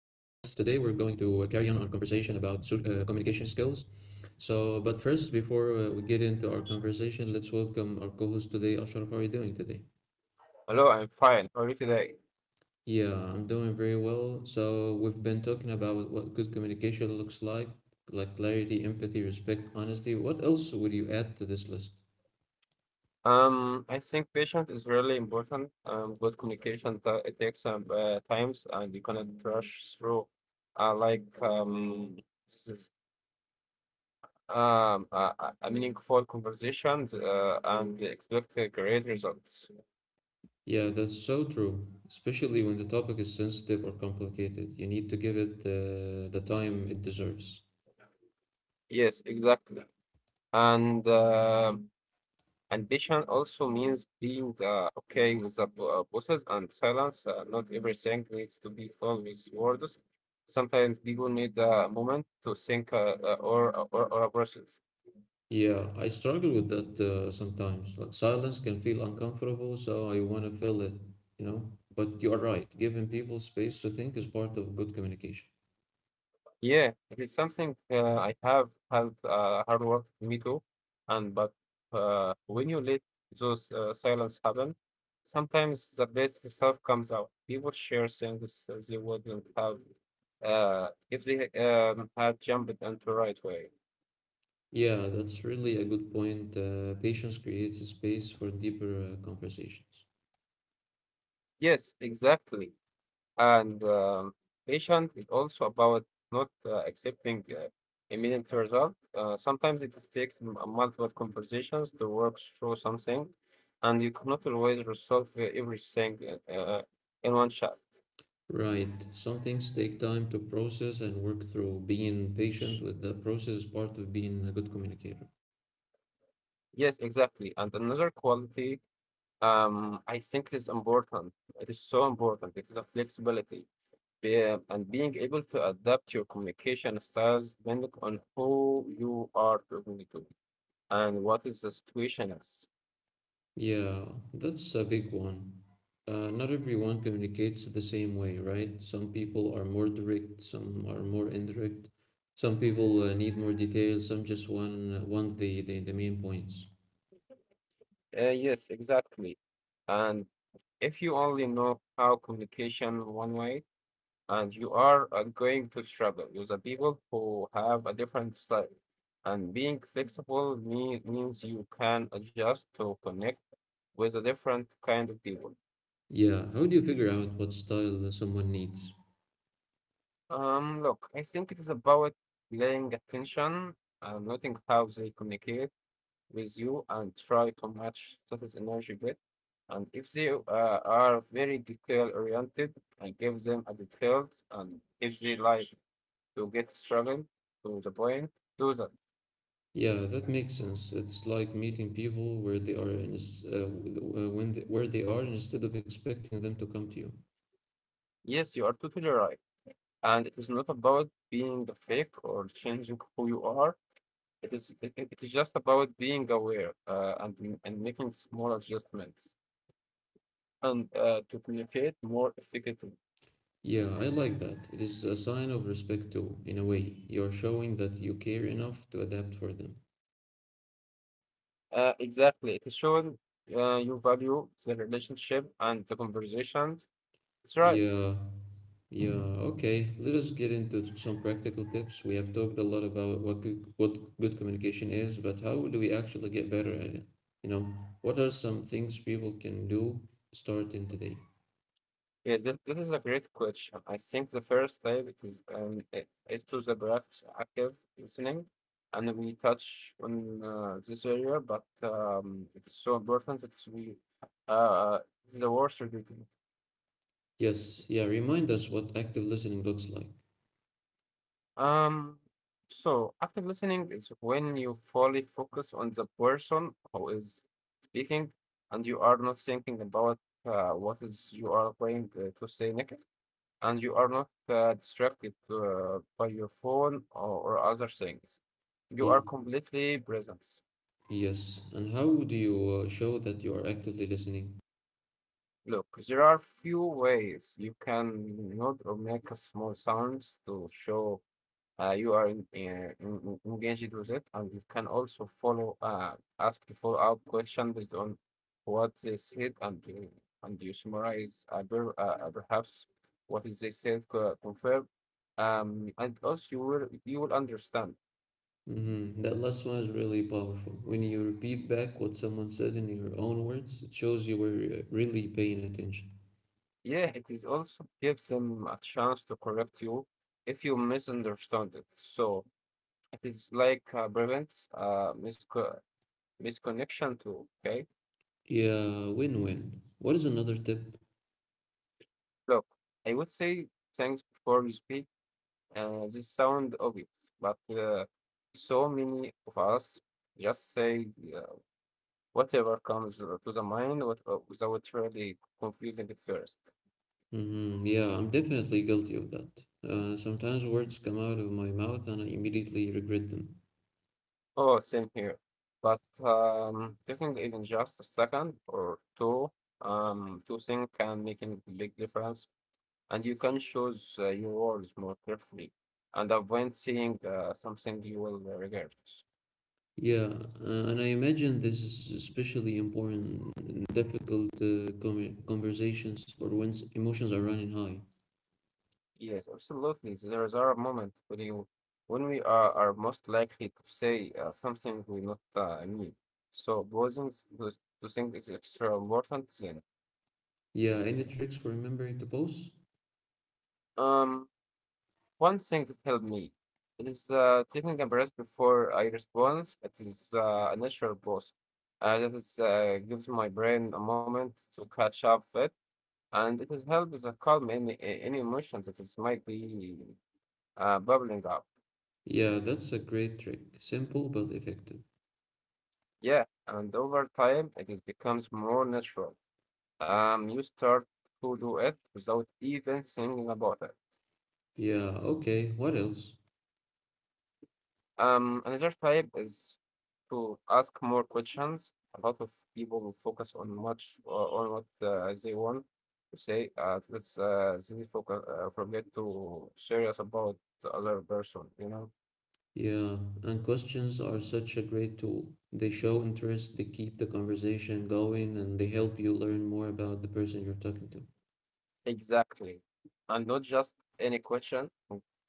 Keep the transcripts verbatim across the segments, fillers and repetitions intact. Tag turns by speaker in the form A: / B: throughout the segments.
A: carry on our conversation about so, uh, communication skills. So, but first, before uh, we get into our conversation, let's welcome our co host today, Ashraf. How are you doing today?
B: Hello, I'm fine. How are you today?
A: Yeah, I'm doing very well. So, we've been talking about what good communication looks like, like clarity, empathy, respect, honesty. What else would you add to this list?
B: Um, I think patience is really important. Um, good communication t- it takes some uh, times, and you cannot rush through. Uh, like um, this is um a, a a meaningful conversations uh, and expect uh, great results.
A: Yeah, that's so true, especially when the topic is sensitive or complicated. You need to give it uh, the time it deserves.
B: Yes, exactly. And uh, Ambition also means being uh, okay with the bo- uh, bosses and silence. Uh, not everything needs to be filled with words. Sometimes people need a moment to think uh, uh, or, or or a process.
A: Yeah, I struggle with that uh, sometimes. Like silence can feel uncomfortable, so I want to fill it, you know? But you are right, giving people space to think is part of good communication.
B: Yeah, it is something uh, I have had uh, hard work me too, and but uh, when you let those uh, silence happen, sometimes the best stuff comes out. People share things they wouldn't have uh, if they um, had jumped into right way.
A: Yeah, that's really a good point. Uh, patience creates a space for deeper uh, conversations.
B: Yes, exactly. And um, Patient is also about not uh, accepting uh, immediate result. Uh, sometimes it takes m- multiple conversations to work through something, and you cannot always resolve uh, everything uh, uh, in one shot.
A: Right. Some things take time to process and work through. Being patient with the process is part of being a good communicator.
B: Yes, exactly. And another quality um, I think is important. It is so important. It is a flexibility. Be uh, and being able to adapt your communication styles depending on who you are talking to. And what is the situation is.
A: Yeah, that's a big one. Uh, not everyone communicates the same way, right? Some people are more direct, some are more indirect. Some people uh, need more details. Some just want, want the, the, the main points.
B: Uh, yes, exactly. And if you only know how communication one way, and you are uh, going to struggle with the people who have a different style. And being flexible mean, means you can adjust to connect with a different kind of people.
A: Yeah, how do you figure out what style someone needs?
B: Um, look, I think it is about paying attention and noting how they communicate with you and try to match status energy bit. And if they uh, are very detail oriented, I give them a detailed. And if they like to get struggle to the point, do that.
A: Yeah, that makes sense. It's like meeting people where they are and it's uh, w- uh, when they, where they are instead of expecting them to come to you.
B: Yes, you are totally right. And it is not about being fake or changing who you are. It is it, it is just about being aware uh, and and making small adjustments and uh, to communicate more effectively.
A: Yeah, I like that. It is a sign of respect too, in a way. You're showing that you care enough to adapt for them.
B: Uh, exactly. It is showing uh, you value the relationship and the conversation. That's right.
A: Yeah, yeah, okay. Let us get into some practical tips. We have talked a lot about what good, what good communication is, but how do we actually get better at it? You know, what are some things people can do starting today?
B: Yeah, that, that is a great question. I think the first step is um, i- is to the practice active listening, and we touch on uh, this area, but um, it is so important that we uh, the worst regretting.
A: Yes, yeah, remind us what active listening looks like.
B: Um, so active listening is when you fully focus on the person who is speaking and you are not thinking about uh, what is you are going uh, to say next and you are not uh, distracted uh, by your phone or, or other things. You are
A: Y-
B: completely present.
A: yes, and how do you uh, show that you are actively listening?
B: Look, there are few ways you can nod or make a small sounds to show uh, you are in, uh, in- engaged with it, and you can also follow uh, ask the follow-up question based on what they said, and you, and you summarize uh, per, uh, uh, perhaps what is they said co- confirm, um, and also you will you will understand.
A: Mm-hmm. That last one is really powerful. When you repeat back what someone said in your own words, it shows you were uh, really paying attention.
B: Yeah, it is also gives them a chance to correct you if you misunderstand it. So it is like uh, prevents uh, misco- misconnection too. Okay,
A: Yeah, win win. What is another tip?
B: look, I would say thanks before you speak. Uh, this sound obvious, but uh, so many of us just say uh, whatever comes uh, to the mind what, uh, without really confusing it first.
A: Mm-hmm. Yeah, I'm definitely guilty of that. Uh, sometimes words come out of my mouth and I immediately regret them.
B: Oh, same here. But um, taking even just a second or two um, to think can make a big difference, and you can choose uh, your words more carefully and avoid saying uh, something you will regret.
A: Yeah, uh, and I imagine this is especially important in difficult uh, com conversations or when s- emotions are running high.
B: Yes, absolutely. So there is a moment when you, when we are, are most likely to say uh, something we not uh, mean. So pausing s- to, s- to think is extra important thing.
A: Yeah, any tricks for remembering to pause?
B: Um, One thing that helped me is uh, taking a breath before I respond. It is uh, a natural pause. Uh, that is uh, gives my brain a moment to catch up with, and it has helped with a calm any any emotions that is might be uh, bubbling up.
A: Yeah, that's a great trick. Simple but effective.
B: Yeah, and over time it is becomes more natural. Um, you start to do it without even thinking about it.
A: Yeah, okay, what else?
B: Um, another type is to ask more questions. A lot of people will focus on what uh, on what uh, they want to say. Uh, let's uh, they focus, uh, forget to serious about the other person. You know.
A: Yeah, and questions are such a great tool. They show interest, they keep the conversation going, and they help you learn more about the person you're talking to.
B: Exactly. And not just any question,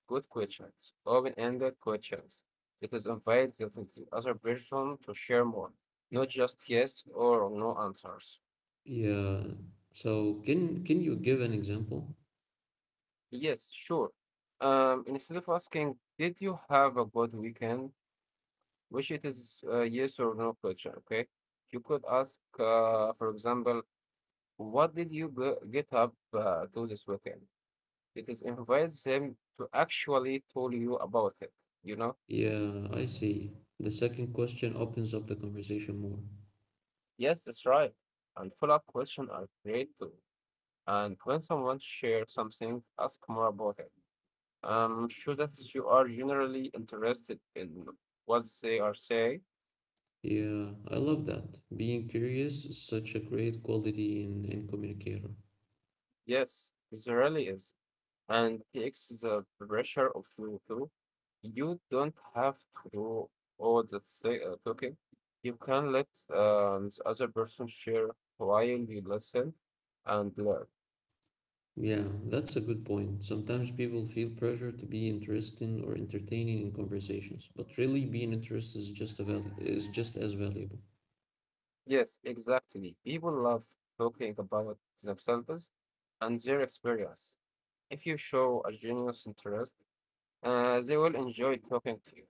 B: good questions, open-ended questions. It is invite the the other person to share more, not just yes or no answers.
A: Yeah, so can can you give an example?
B: Yes, sure. Um, instead of asking, did you have a good weekend? Which it is a yes or no question, okay? You could ask, uh, for example, what did you go- get up uh, to this weekend? It is invite them to actually tell you about it, you know?
A: Yeah, I see. The second question opens up the conversation more.
B: Yes, that's right. And follow-up questions are great too. And when someone shares something, ask more about it. Um, show that you are generally interested in what they are saying.
A: Yeah, I love that. Being curious is such a great quality in in communicator.
B: Yes, this really is. And takes the pressure of you too. You don't have to do all the say, uh, talking. You can let um, the other person share while you listen and learn.
A: Yeah, that's a good point. Sometimes people feel pressure to be interesting or entertaining in conversations, but really being interested is just a value is just as valuable.
B: Yes, exactly. People love talking about themselves and their experience. If you show a genuine interest, uh, they will enjoy talking to you.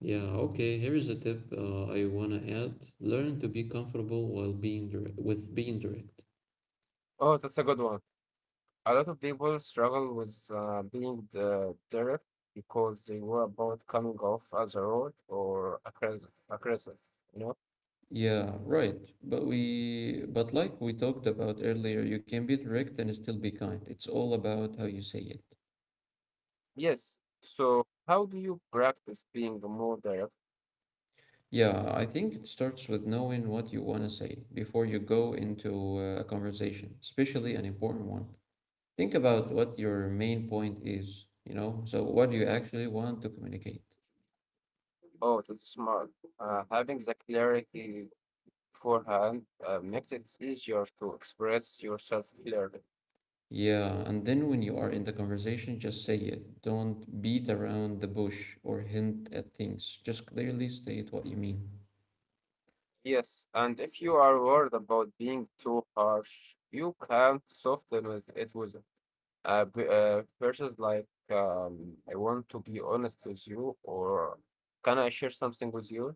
A: Yeah, okay, here is a tip uh, I wanna add. Learn to be comfortable while being direct with being direct.
B: Oh, that's a good one. A lot of people struggle with uh, being the direct because they were about coming off as a rude or aggressive, aggressive, you know?
A: Yeah, right. But we, but like we talked about earlier, you can be direct and still be kind. It's all about how you say it.
B: Yes. So, how do you practice being more direct?
A: Yeah, I think it starts with knowing what you want to say before you go into uh, a conversation, especially an important one. Think about what your main point is, you know? So, what do you actually want to communicate?
B: Oh, that's smart. Uh, having the clarity beforehand uh, makes it easier to express yourself clearly.
A: Yeah, and then when you are in the conversation, just say it. Don't beat around the bush or hint at things. Just clearly state what you mean.
B: Yes, and if you are worried about being too harsh, you can soften with it with uh, b- uh, verses like um, I want to be honest with you, or can I share something with you?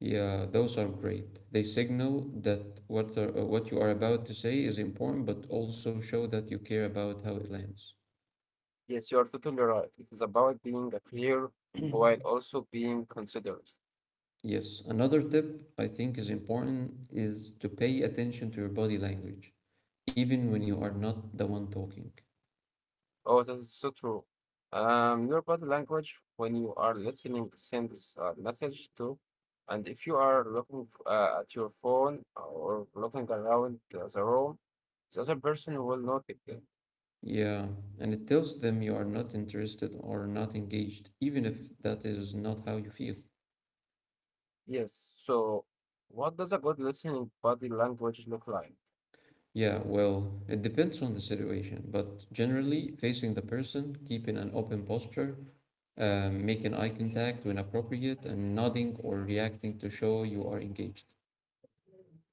A: Yeah, those are great. They signal that what are, uh, what you are about to say is important, but also show that you care about how it lands.
B: Yes, you are totally right. It is about being uh, clear while also being considerate.
A: Yes, another tip I think is important is to pay attention to your body language, even when you are not the one talking.
B: Oh, that is so true. Um, your body language when you are listening sends a message too. And if you are looking f- uh, at your phone or looking around uh, the room, the other person will not pick it.
A: Yeah, and it tells them you are not interested or not engaged, even if that is not how you feel.
B: Yes. So, what does a good listening body language look like?
A: Yeah, well, it depends on the situation, but generally, facing the person, keeping an open posture, Um, making eye contact when appropriate, and nodding or reacting to show you are engaged.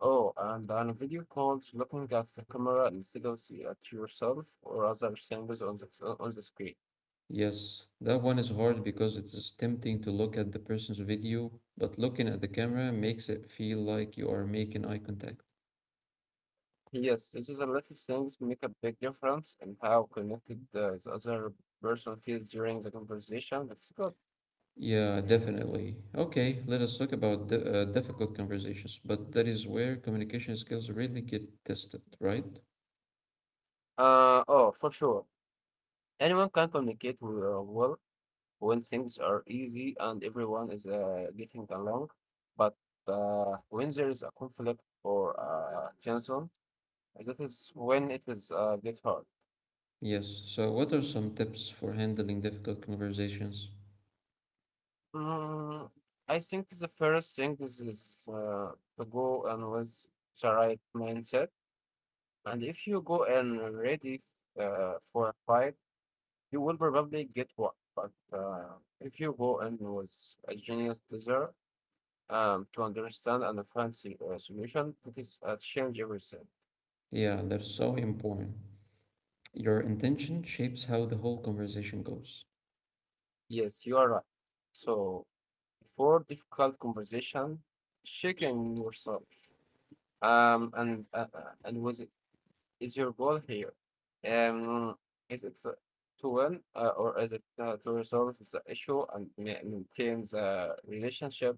B: Oh, and on video calls, looking at the camera instead of see- at yourself or other things on the on the screen.
A: Yes, that one is hard because it is tempting to look at the person's video, but looking at the camera makes it feel like you are making eye contact.
B: Yes, this is a lot of things make a big difference in how connected uh, the other person feels during the conversation. That's good.
A: Yeah, definitely. Okay, let us talk about di uh, difficult conversations, but that is where communication skills really get tested, right?
B: Uh, oh, for sure. Anyone can communicate w- uh, well when things are easy and everyone is uh, getting along. But uh, when there is a conflict or uh, tension, that is when it is uh, get hard.
A: Yes, so what are some tips for handling difficult conversations?
B: Mm, I think the first thing is, is uh, to go and with the right mindset. And if you go and ready f- uh, for a fight, you will probably get one. But uh, if you go and with a genius desire um, to understand and find the uh, solution, it is uh, change everything.
A: Yeah, they're so important. Your intention shapes how the whole conversation goes.
B: Yes, you are right. So for difficult conversation, check yourself um, and uh, uh, and with is your goal here? Um, is it to to win uh, or is it uh, to resolve the issue and ma- maintain the relationship?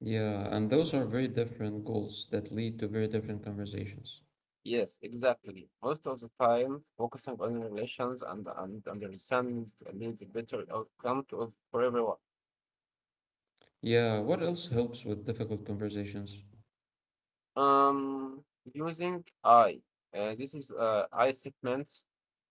A: Yeah, and those are very different goals that lead to very different conversations.
B: Yes, exactly. Most of the time, focusing on relations and, and understanding leads a better outcome to, for everyone.
A: Yeah, what else helps with difficult conversations?
B: Um, Using I. Uh, this is uh, I statement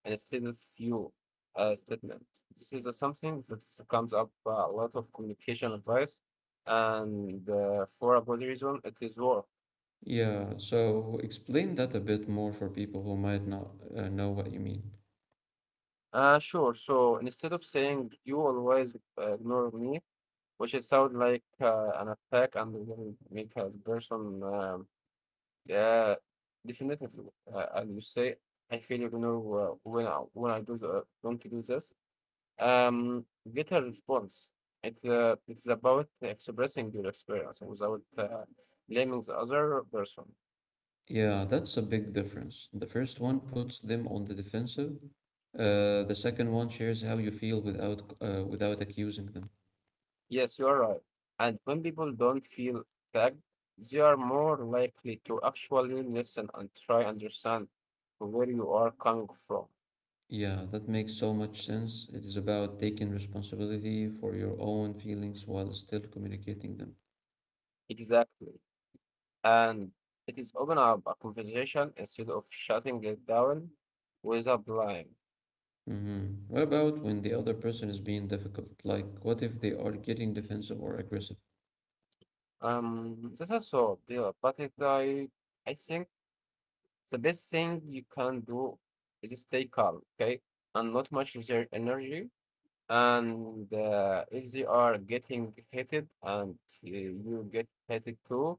B: instead of you uh, statement. This is uh, something that comes up uh, a lot of communication advice, and uh, for a good reason, it is war.
A: Yeah, so explain that a bit more for people who might not uh, know what you mean.
B: Uh, sure. So instead of saying you always uh, ignore me, which it sounds like uh, an attack and will make a person um, uh, definitely, uh, and you say I feel ignore uh, when I when I do the, don't do this. Um, get a response. It, uh, it's about expressing your experience without uh, blaming the other person.
A: Yeah, that's a big difference. The first one puts them on the defensive. Uh, the second one shares how you feel without uh, without accusing them.
B: Yes, you are right. And when people don't feel tagged, they are more likely to actually listen and try understand where you are coming from.
A: Yeah, that makes so much sense. It is about taking responsibility for your own feelings while still communicating them.
B: Exactly. And it is open up a conversation instead of shutting it down with a blame.
A: Hmm. What about when the other person is being difficult? Like, what if they are getting defensive or aggressive?
B: Um, that's also yeah, but it, I, I think. The best thing you can do is stay calm, okay? And not much use your energy. And uh, if they are getting hated and uh, you get hated too,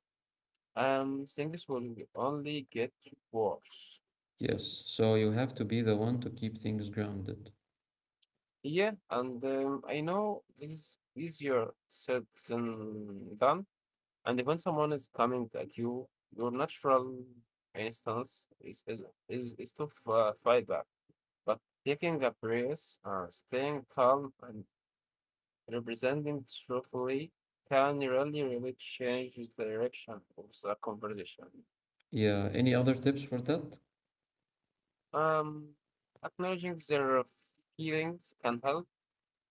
B: um, things will only get worse.
A: Yes, so you have to be the one to keep things grounded.
B: Yeah, and um, I know this is easier said than done. And when someone is coming at you, your natural instance is is is, is to f- uh, fight back. But taking a breath, uh, staying calm, and representing truthfully can really, really change the direction of the conversation.
A: Yeah, any other tips for that?
B: Um, Acknowledging their feelings can help,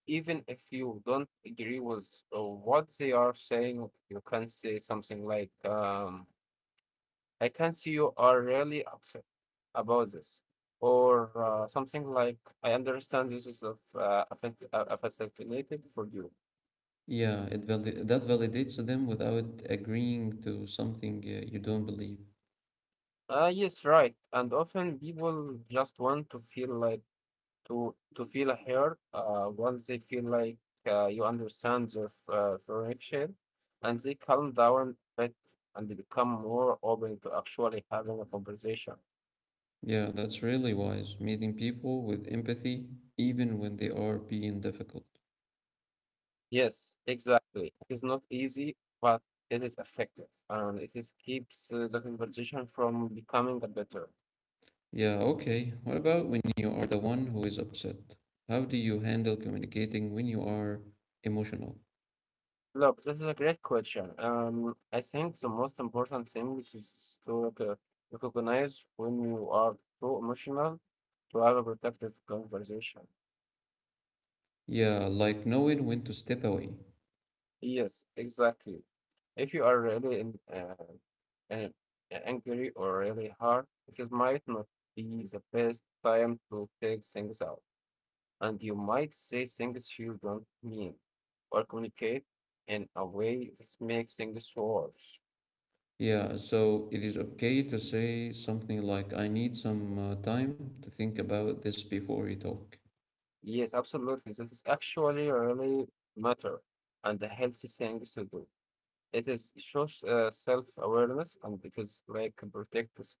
B: even if you don't agree with uh, what they are saying. You can say something like, um, "I can see you are really upset about this." Or uh, something like, I understand this is of uh, affect- uh, affected for you.
A: Yeah, it vali- that validates them without agreeing to something uh, you don't believe.
B: Uh, yes, right. And often people just want to feel like to to feel a heard. Uh, once they feel like uh, you understand their f- uh, friction, and they calm down a bit and they become more open to actually having a conversation.
A: Yeah, that's really wise. Meeting people with empathy, even when they are being difficult.
B: Yes, exactly. It is not easy, but it is effective, and it is keeps uh, the conversation from becoming a better.
A: Yeah, okay. What about when you are the one who is upset? How do you handle communicating when you are emotional?
B: Look, this is a great question. Um, I think the most important thing is is to uh, recognize when you are too emotional to have a productive conversation.
A: Yeah, like knowing when to step away.
B: Yes, exactly. If you are really in, uh, an- angry or really hard, it might not be the best time to take things out, and you might say things you don't mean or communicate in a way that makes things worse.
A: Yeah, so it is okay to say something like, I need some uh, time to think about this before we talk.
B: Yes, absolutely. This is actually really matter and the healthy thing to do. It is shows uh, self-awareness and it is like protects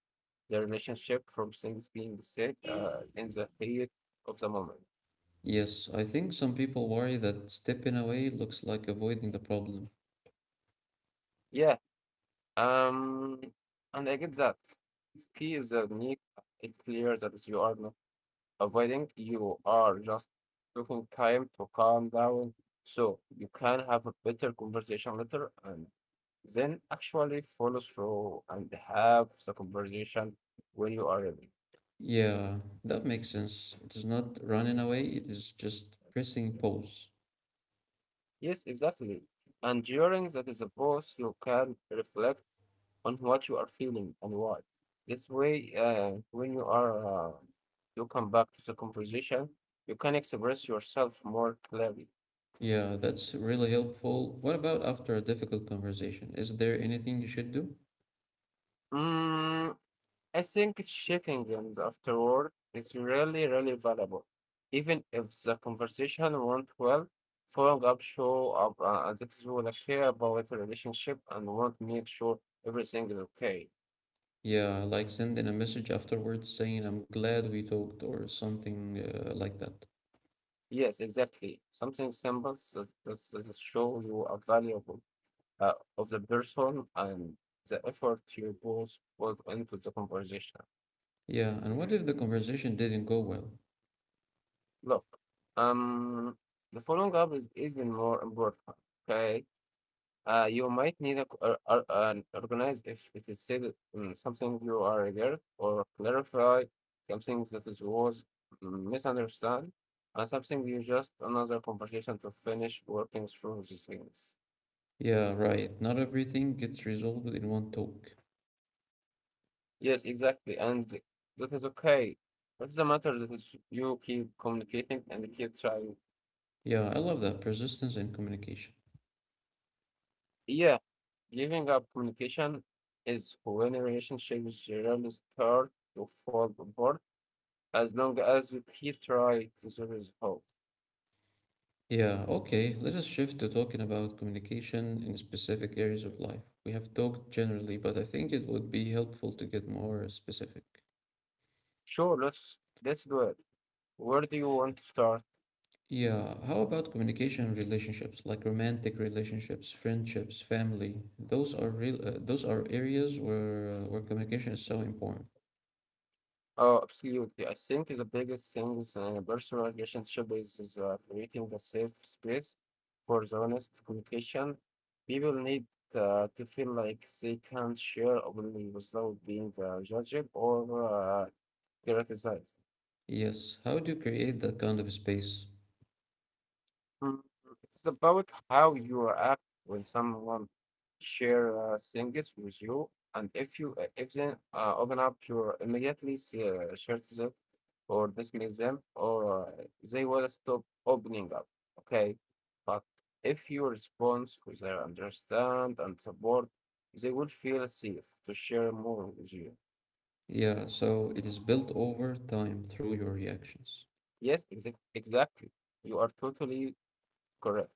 B: the relationship from things being said uh, in the heat of the moment.
A: Yes, I think some people worry that stepping away looks like avoiding the problem.
B: Yeah. Um, and I get that. The key is uh, unique. It's clear that you are not avoiding, you are just taking time to calm down so you can have a better conversation later and then actually follow through and have the conversation when you are ready.
A: Yeah, that makes sense. It is not running away, it is just pressing pause.
B: Yes, exactly. And during that is a pause, you can reflect on what you are feeling and why. This way, uh, when you are, uh, you come back to the conversation, you can express yourself more clearly.
A: Yeah, that's really helpful. What about after a difficult conversation? Is there anything you should do?
B: Mm, I think checking in after work is really, really valuable. Even if the conversation went well, following up show up uh, as if you wanna care about the relationship and want to make sure everything is okay.
A: Yeah, like sending a message afterwards saying, I'm glad we talked, or something uh, like that.
B: Yes, exactly. Something simple that that- that show you a valuable uh, of the person and the effort you both put into the conversation.
A: Yeah, and what if the conversation didn't go well?
B: Look, um, the following up is even more important. Okay. Uh, you might need a, or- or- an organize if it is said mm, something you are aware or clarify something that is was misunderstood and something you just another conversation to finish working through these things.
A: Yeah, right. Not everything gets resolved in one talk.
B: Yes, exactly, and that is okay. What's the matter that is you keep communicating and keep trying.
A: Yeah, I love that. Persistence and communication.
B: Yeah, giving up communication is when relationships generally start to fall apart as long as he tried, there is hope.
A: Yeah, okay. Let us shift to talking about communication in specific areas of life. We have talked generally, but I think it would be helpful to get more specific.
B: Sure, let's let's do it. Where do you want to start?
A: Yeah, how about communication relationships like romantic relationships, friendships, family? Those are real, uh, those are areas where uh, where communication is so important.
B: Oh, absolutely. I think the biggest thing is in a personal relationship is, is uh, creating a safe space for the honest communication. People need uh, to feel like they can share openly without being uh, judged or uh, criticized.
A: Yes, how do you create that kind of space?
B: Mm, it's about how you act when someone share uh, things with you, and if you uh, if they uh, open up, you immediately see, uh, share them or dismiss them, or uh, they will stop opening up. Okay, but if you respond with their understand and support, they will feel safe to share more with you.
A: Yeah, so it is built over time through your reactions.
B: Yes, exac exactly. You are totally correct.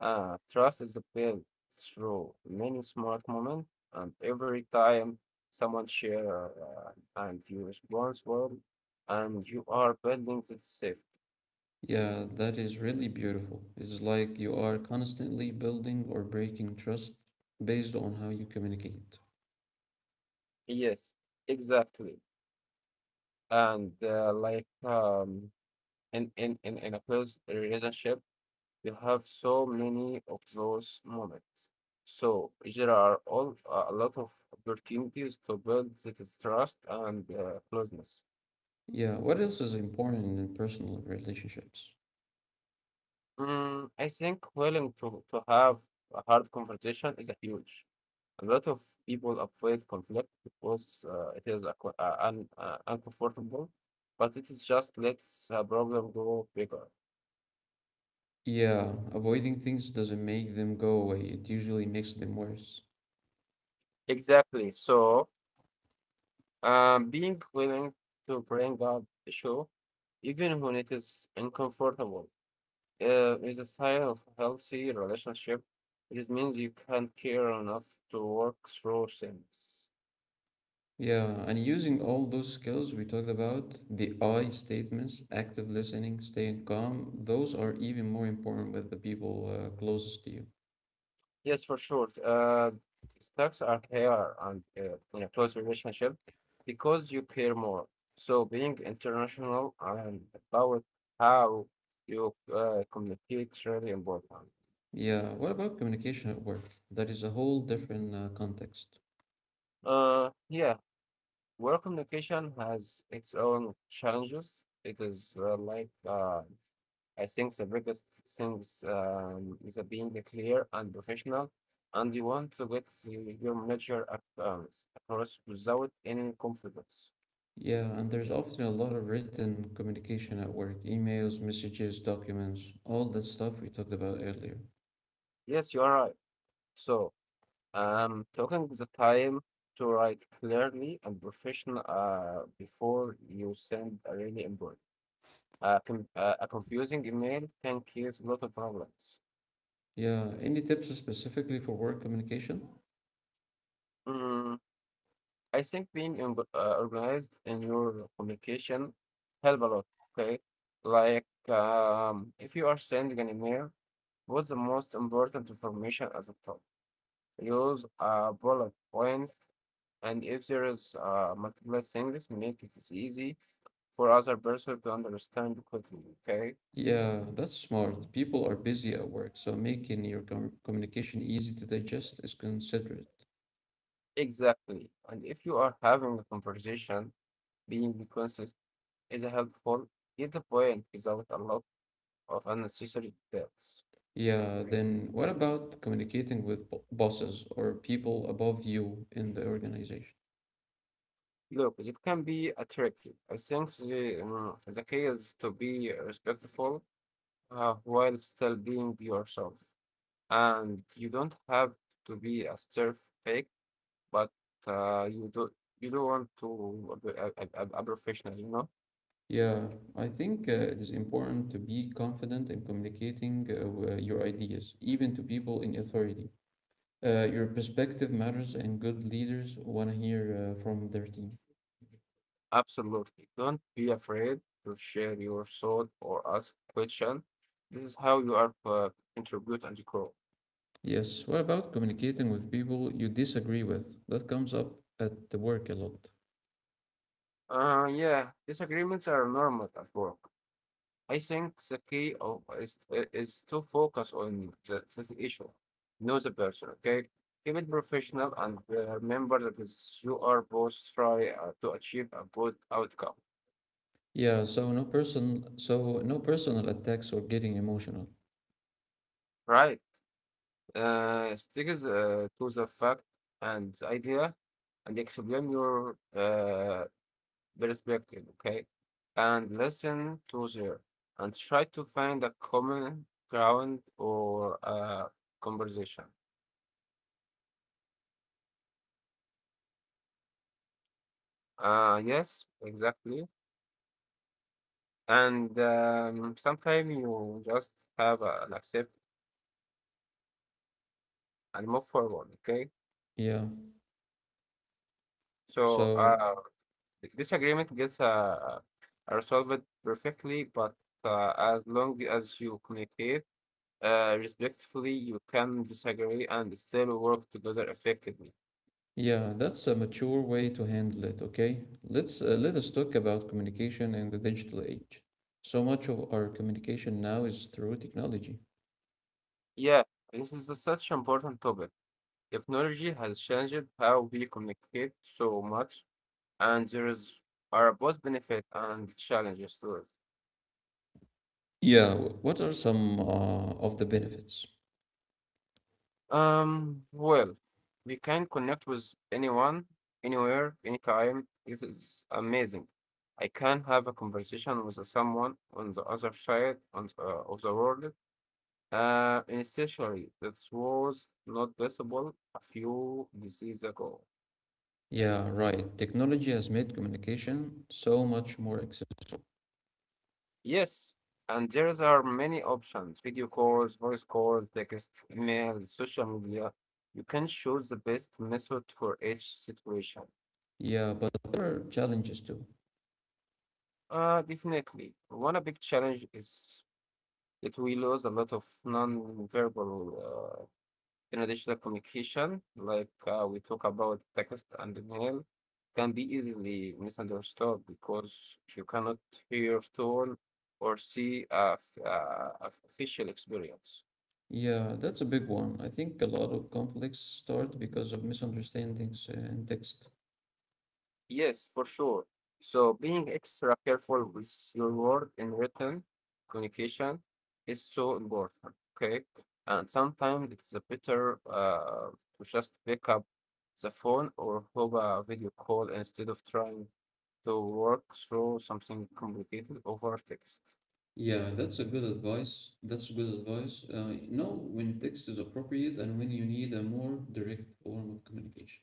B: Ah, trust is built through many smart moments, and every time someone share uh, and you responsible, and you are building the safety.
A: Yeah, that is really beautiful. It's like you are constantly building or breaking trust based on how you communicate.
B: Yes, exactly. And uh, like um, in, in, in, in a close relationship, you have so many of those moments. So there are all a lot of opportunities to build this trust and uh, closeness.
A: Yeah, what else is important in personal relationships?
B: Mm, I think willing to, to have a hard conversation is a huge. A lot of people avoid conflict because uh, it is a, co- uh, un, uh, uncomfortable, but it is just lets a problem grow bigger.
A: Yeah, avoiding things doesn't make them go away, it usually makes them worse.
B: Exactly. So, um, being willing to bring up issue, even when it is uncomfortable, uh, is a sign of healthy relationship. It means you can care enough to work through things.
A: Yeah, and using all those skills we talked about, the I statements, active listening, staying calm, those are even more important with the people uh, closest to you.
B: Yes, for sure. Uh, stocks are here and uh, in a close relationship because you care more. So being international and about how you uh, communicate is really important.
A: Yeah, what about communication at work? That is a whole different uh, context.
B: Uh, yeah, work communication has its own challenges, it is uh, like uh, I think the biggest things um, is uh, being clear and professional, and you want to get the- your manager ac- um, across without any confidence.
A: Yeah, and there's often a lot of written communication at work, emails, messages, documents, all that stuff we talked about earlier.
B: Yes, you are right. So, um, taking the time to write clearly and professional uh, before you send a really important. Uh, con uh, A confusing email can cause a lot of problems.
A: Yeah, any tips specifically for work communication?
B: Mm, I think being in, uh, organized in your communication help a lot. Okay, like um, if you are sending an email, what's the most important information at the top? Use a bullet point. And if there is uh, multiple things, make it is easy for other person to understand quickly, okay?
A: Yeah, that's smart. People are busy at work, so making your com communication easy to digest is considerate.
B: Exactly. And if you are having a conversation, being consistent is helpful. Get the point without a lot of unnecessary details.
A: Yeah, then what about communicating with bo bosses or people above you in the organization?
B: Look, it can be a tricky. I think the, um, the key is to be respectful uh, while still being yourself. And you don't have to be a stir fake, but uh, you don't you don't want to be a, a, a a professional, you know?
A: Yeah, I think uh, it is important to be confident in communicating uh, w- your ideas, even to people in authority. Uh, your perspective matters, and good leaders want to hear uh, from their team.
B: Absolutely. Don't be afraid to share your thought or ask question. This is how you are uh, contribute and grow.
A: Yes. What about communicating with people you disagree with? That comes up at the work a lot.
B: Uh, yeah, disagreements are normal at work. I think the key of is is to focus on the, the issue, know the person. Okay, keep it professional and uh, remember that is you are both try uh, to achieve a good outcome,
A: Yeah, so no person so no personal attacks or getting emotional.
B: right? Uh, sticks uh, to the fact and the idea and explain your uh, perspective, okay? And listen to there and try to find a common ground or a conversation. Uh, yes, exactly. And um, sometimes you just have uh, an accept and move forward, okay?
A: Yeah.
B: So, uh,
A: So
B: the disagreement gets uh, uh, resolved perfectly, but uh, as long as you communicate uh, respectfully, you can disagree and still work together effectively.
A: yeah, that's a mature way to handle it, okay? Let's uh, let us talk about communication in the digital age. So much of our communication now is through technology.
B: Yeah, this is a such important topic. Technology has changed how we communicate so much, and there is are both benefit and challenges to it.
A: Yeah, wh- what are some uh, of the benefits?
B: Um, well, we can connect with anyone, anywhere, anytime. This is amazing. I can have a conversation with someone on the other side on, uh, of the world. Uh, initially, that was not possible a few diseases ago.
A: Yeah, right. Technology has made communication so much more accessible.
B: Yes, and there are many options: video calls, voice calls, text, email, social media. You can choose the best method for each situation.
A: Yeah, but there are challenges too.
B: Uh, definitely. One a big challenge is that we lose a lot of non-verbal, uh, in additional communication, like uh, we talk about text and email, can be easily misunderstood because you cannot hear tone or see a, f- uh, a facial experience.
A: Yeah, that's a big one. I think a lot of conflicts start because of misunderstandings in text.
B: Yes, for sure. So being extra careful with your word in written communication is so important. Okay. And sometimes it's a better uh, to just pick up the phone or have a video call instead of trying to work through something complicated over text.
A: Yeah, that's a good advice. That's good advice. Uh, know when text is appropriate and when you need a more direct form of communication.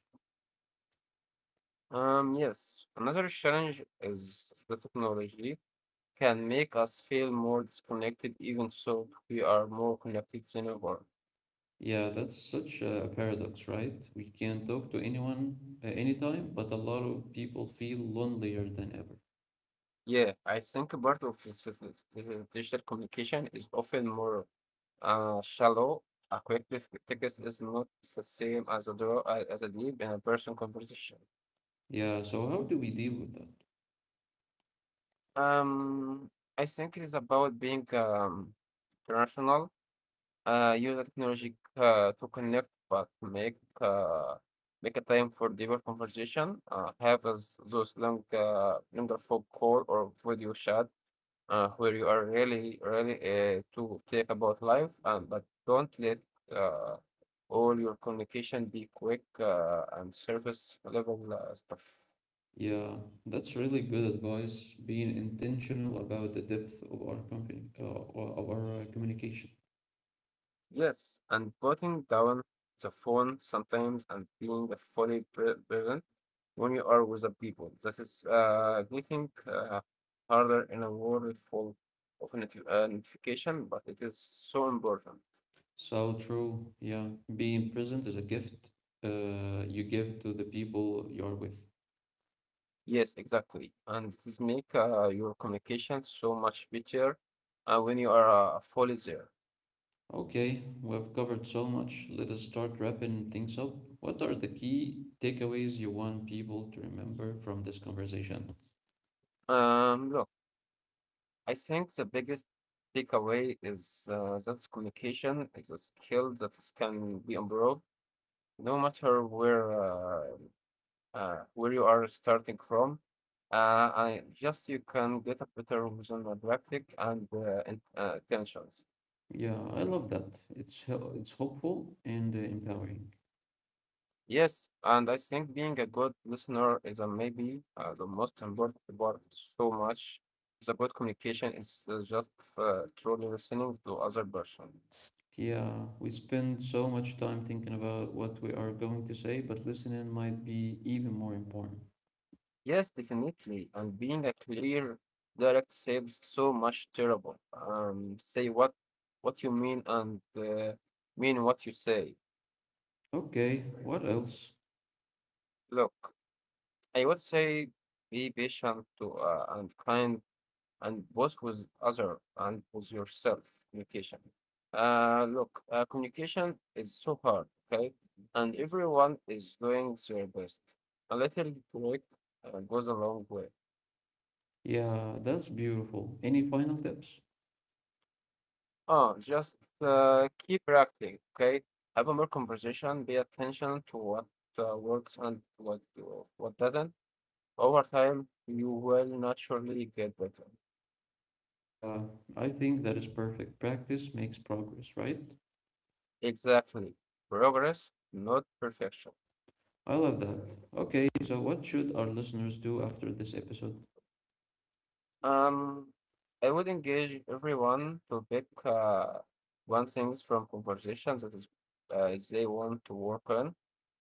B: Um, yes, another challenge is the technology can make us feel more disconnected, even so we are more connected than ever.
A: Yeah, that's such a paradox, right? We can talk to anyone uh, anytime, but a lot of people feel lonelier than ever.
B: Yeah, I think a part of this, this- this- this digital communication is often more uh, shallow. A quick ref- text is not the same as a draw, uh, as a deep and a person conversation.
A: Yeah, so how do we deal with that?
B: Um, I think it is about being um, rational, uh, use the technology uh, to connect, but make uh, make a time for deeper conversation. Uh, have as those long, uh, longer phone call or video chat uh, where you are really, really uh, to think about life, and but don't let uh, all your communication be quick uh, and surface level uh, stuff.
A: Yeah, that's really good advice. Being intentional about the depth of our confi- uh, of our uh, communication.
B: Yes, and putting down the phone sometimes and being fully pre- present when you are with the people. That is uh, getting uh, harder in a world full of notif- uh, notification, but it is so important.
A: So true. Yeah, being present is a gift uh, you give to the people you're with.
B: Yes, exactly. And this make uh, your communication so much better uh, when you are uh, fully there.
A: Okay, we have covered so much. Let us start wrapping things up. What are the key takeaways you want people to remember from this conversation?
B: Um, look, I think the biggest takeaway is uh, that communication is a skill that is- can be improved no matter where uh, uh, where you are starting from. Uh, I just you can get a better result on practice and uh, in- uh, intentions.
A: Yeah, I love that. It's hel- it's hopeful and uh, empowering.
B: Yes, and I think being a good listener is a maybe uh, the most important part. So much the good communication is uh, just uh, truly listening to other person.
A: Yeah, we spend so much time thinking about what we are going to say, but listening might be even more important.
B: Yes, definitely, and being a clear, direct saves so much terrible. Um, say what what you mean and uh, mean what you say.
A: Okay, what else?
B: Look, I would say be patient to uh, and kind and both with other and with yourself communication. Uh, look, uh, communication is so hard, okay? And everyone is doing their best. A little break uh, goes a long way.
A: Yeah, that's beautiful. Any final tips?
B: Oh, just uh, keep reacting, okay? Have a more conversation, pay attention to what uh, works and what what doesn't. Over time, you will naturally get better.
A: Yeah, I think that is perfect. Practice makes progress, right?
B: Exactly. Progress, not perfection.
A: I love that. Okay, so what should our listeners do after this episode?
B: Um, I would engage everyone to pick uh, one things from conversations that is uh, they want to work on.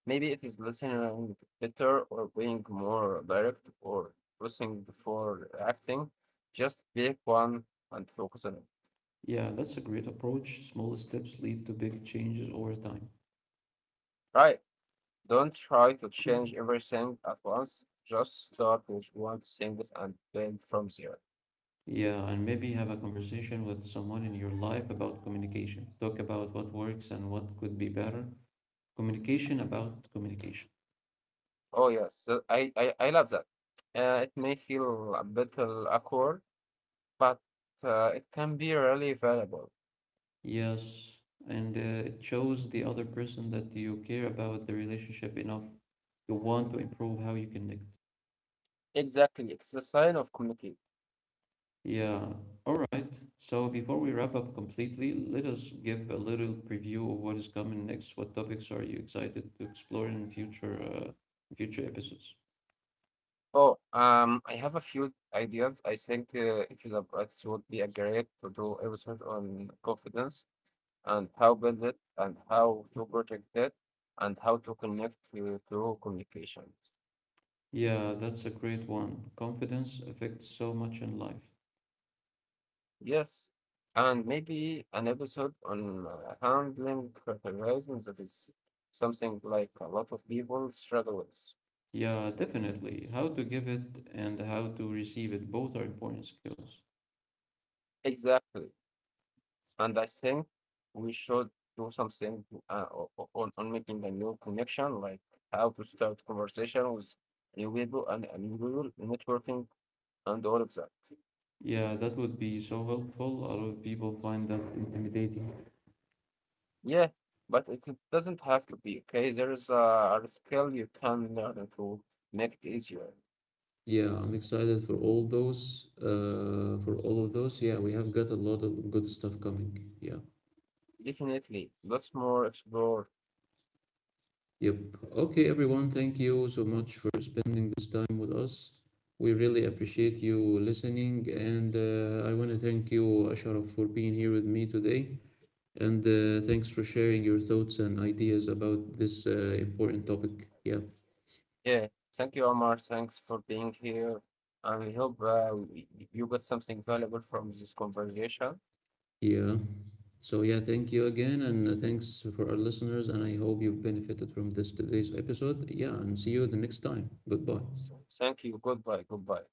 B: Maybe it is listening better or being more direct or listening before acting. Just pick one and focus on it.
A: Yeah, that's a great approach. Small steps lead to big changes over time.
B: Right. Don't try to change everything at once. Just start with one things and then from zero.
A: Yeah, and maybe have a conversation with someone in your life about communication. Talk about what works and what could be better. Communication about communication.
B: Oh yes, so I, I I love that. Uh, it may feel a little awkward but uh, it can be really valuable.
A: Yes, and uh, it shows the other person that you care about the relationship enough to want to improve how you connect.
B: Exactly, it's a sign of community.
A: Yeah, all right. So before we wrap up completely, let us give a little preview of what is coming next. What topics are you excited to explore in future uh, future episodes?
B: Oh, um, I have a few ideas. I think uh, it is a, it would be a great to do episode on confidence and how build it and how to protect it and how to connect to through communications.
A: Yeah, that's a great one. Confidence affects so much in life.
B: Yes, and maybe an episode on uh, handling criticism that is something like a lot of people struggle with.
A: Yeah, definitely. How to give it and how to receive it both are important skills.
B: Exactly. And I think we should do something uh, o- o- on, on making a new connection, like how to start conversation with new people and, and new people, networking and all of that.
A: Yeah, that would be so helpful. A lot of people find that intimidating.
B: Yeah, but it it doesn't have to be, okay? There is a, a skill you can learn to make it easier.
A: Yeah, I'm excited for all those, uh, for all of those. Yeah, we have got a lot of good stuff coming. Yeah.
B: Definitely, lots more explore.
A: Yep. Okay, everyone, thank you so much for spending this time with us. We really appreciate you listening, and uh, I want to thank you, Ashraf, for being here with me today. And uh, thanks for sharing your thoughts and ideas about this uh, important topic. Yeah,
B: Yeah, thank you, Omar. Thanks for being here. And we hope uh, y- y- you got something valuable from this conversation.
A: yeah. So, yeah, thank you again, and uh, thanks for our listeners. And I hope you've benefited from this today's episode. Yeah, and see you the next time. Goodbye.
B: So, thank you. Goodbye. Goodbye.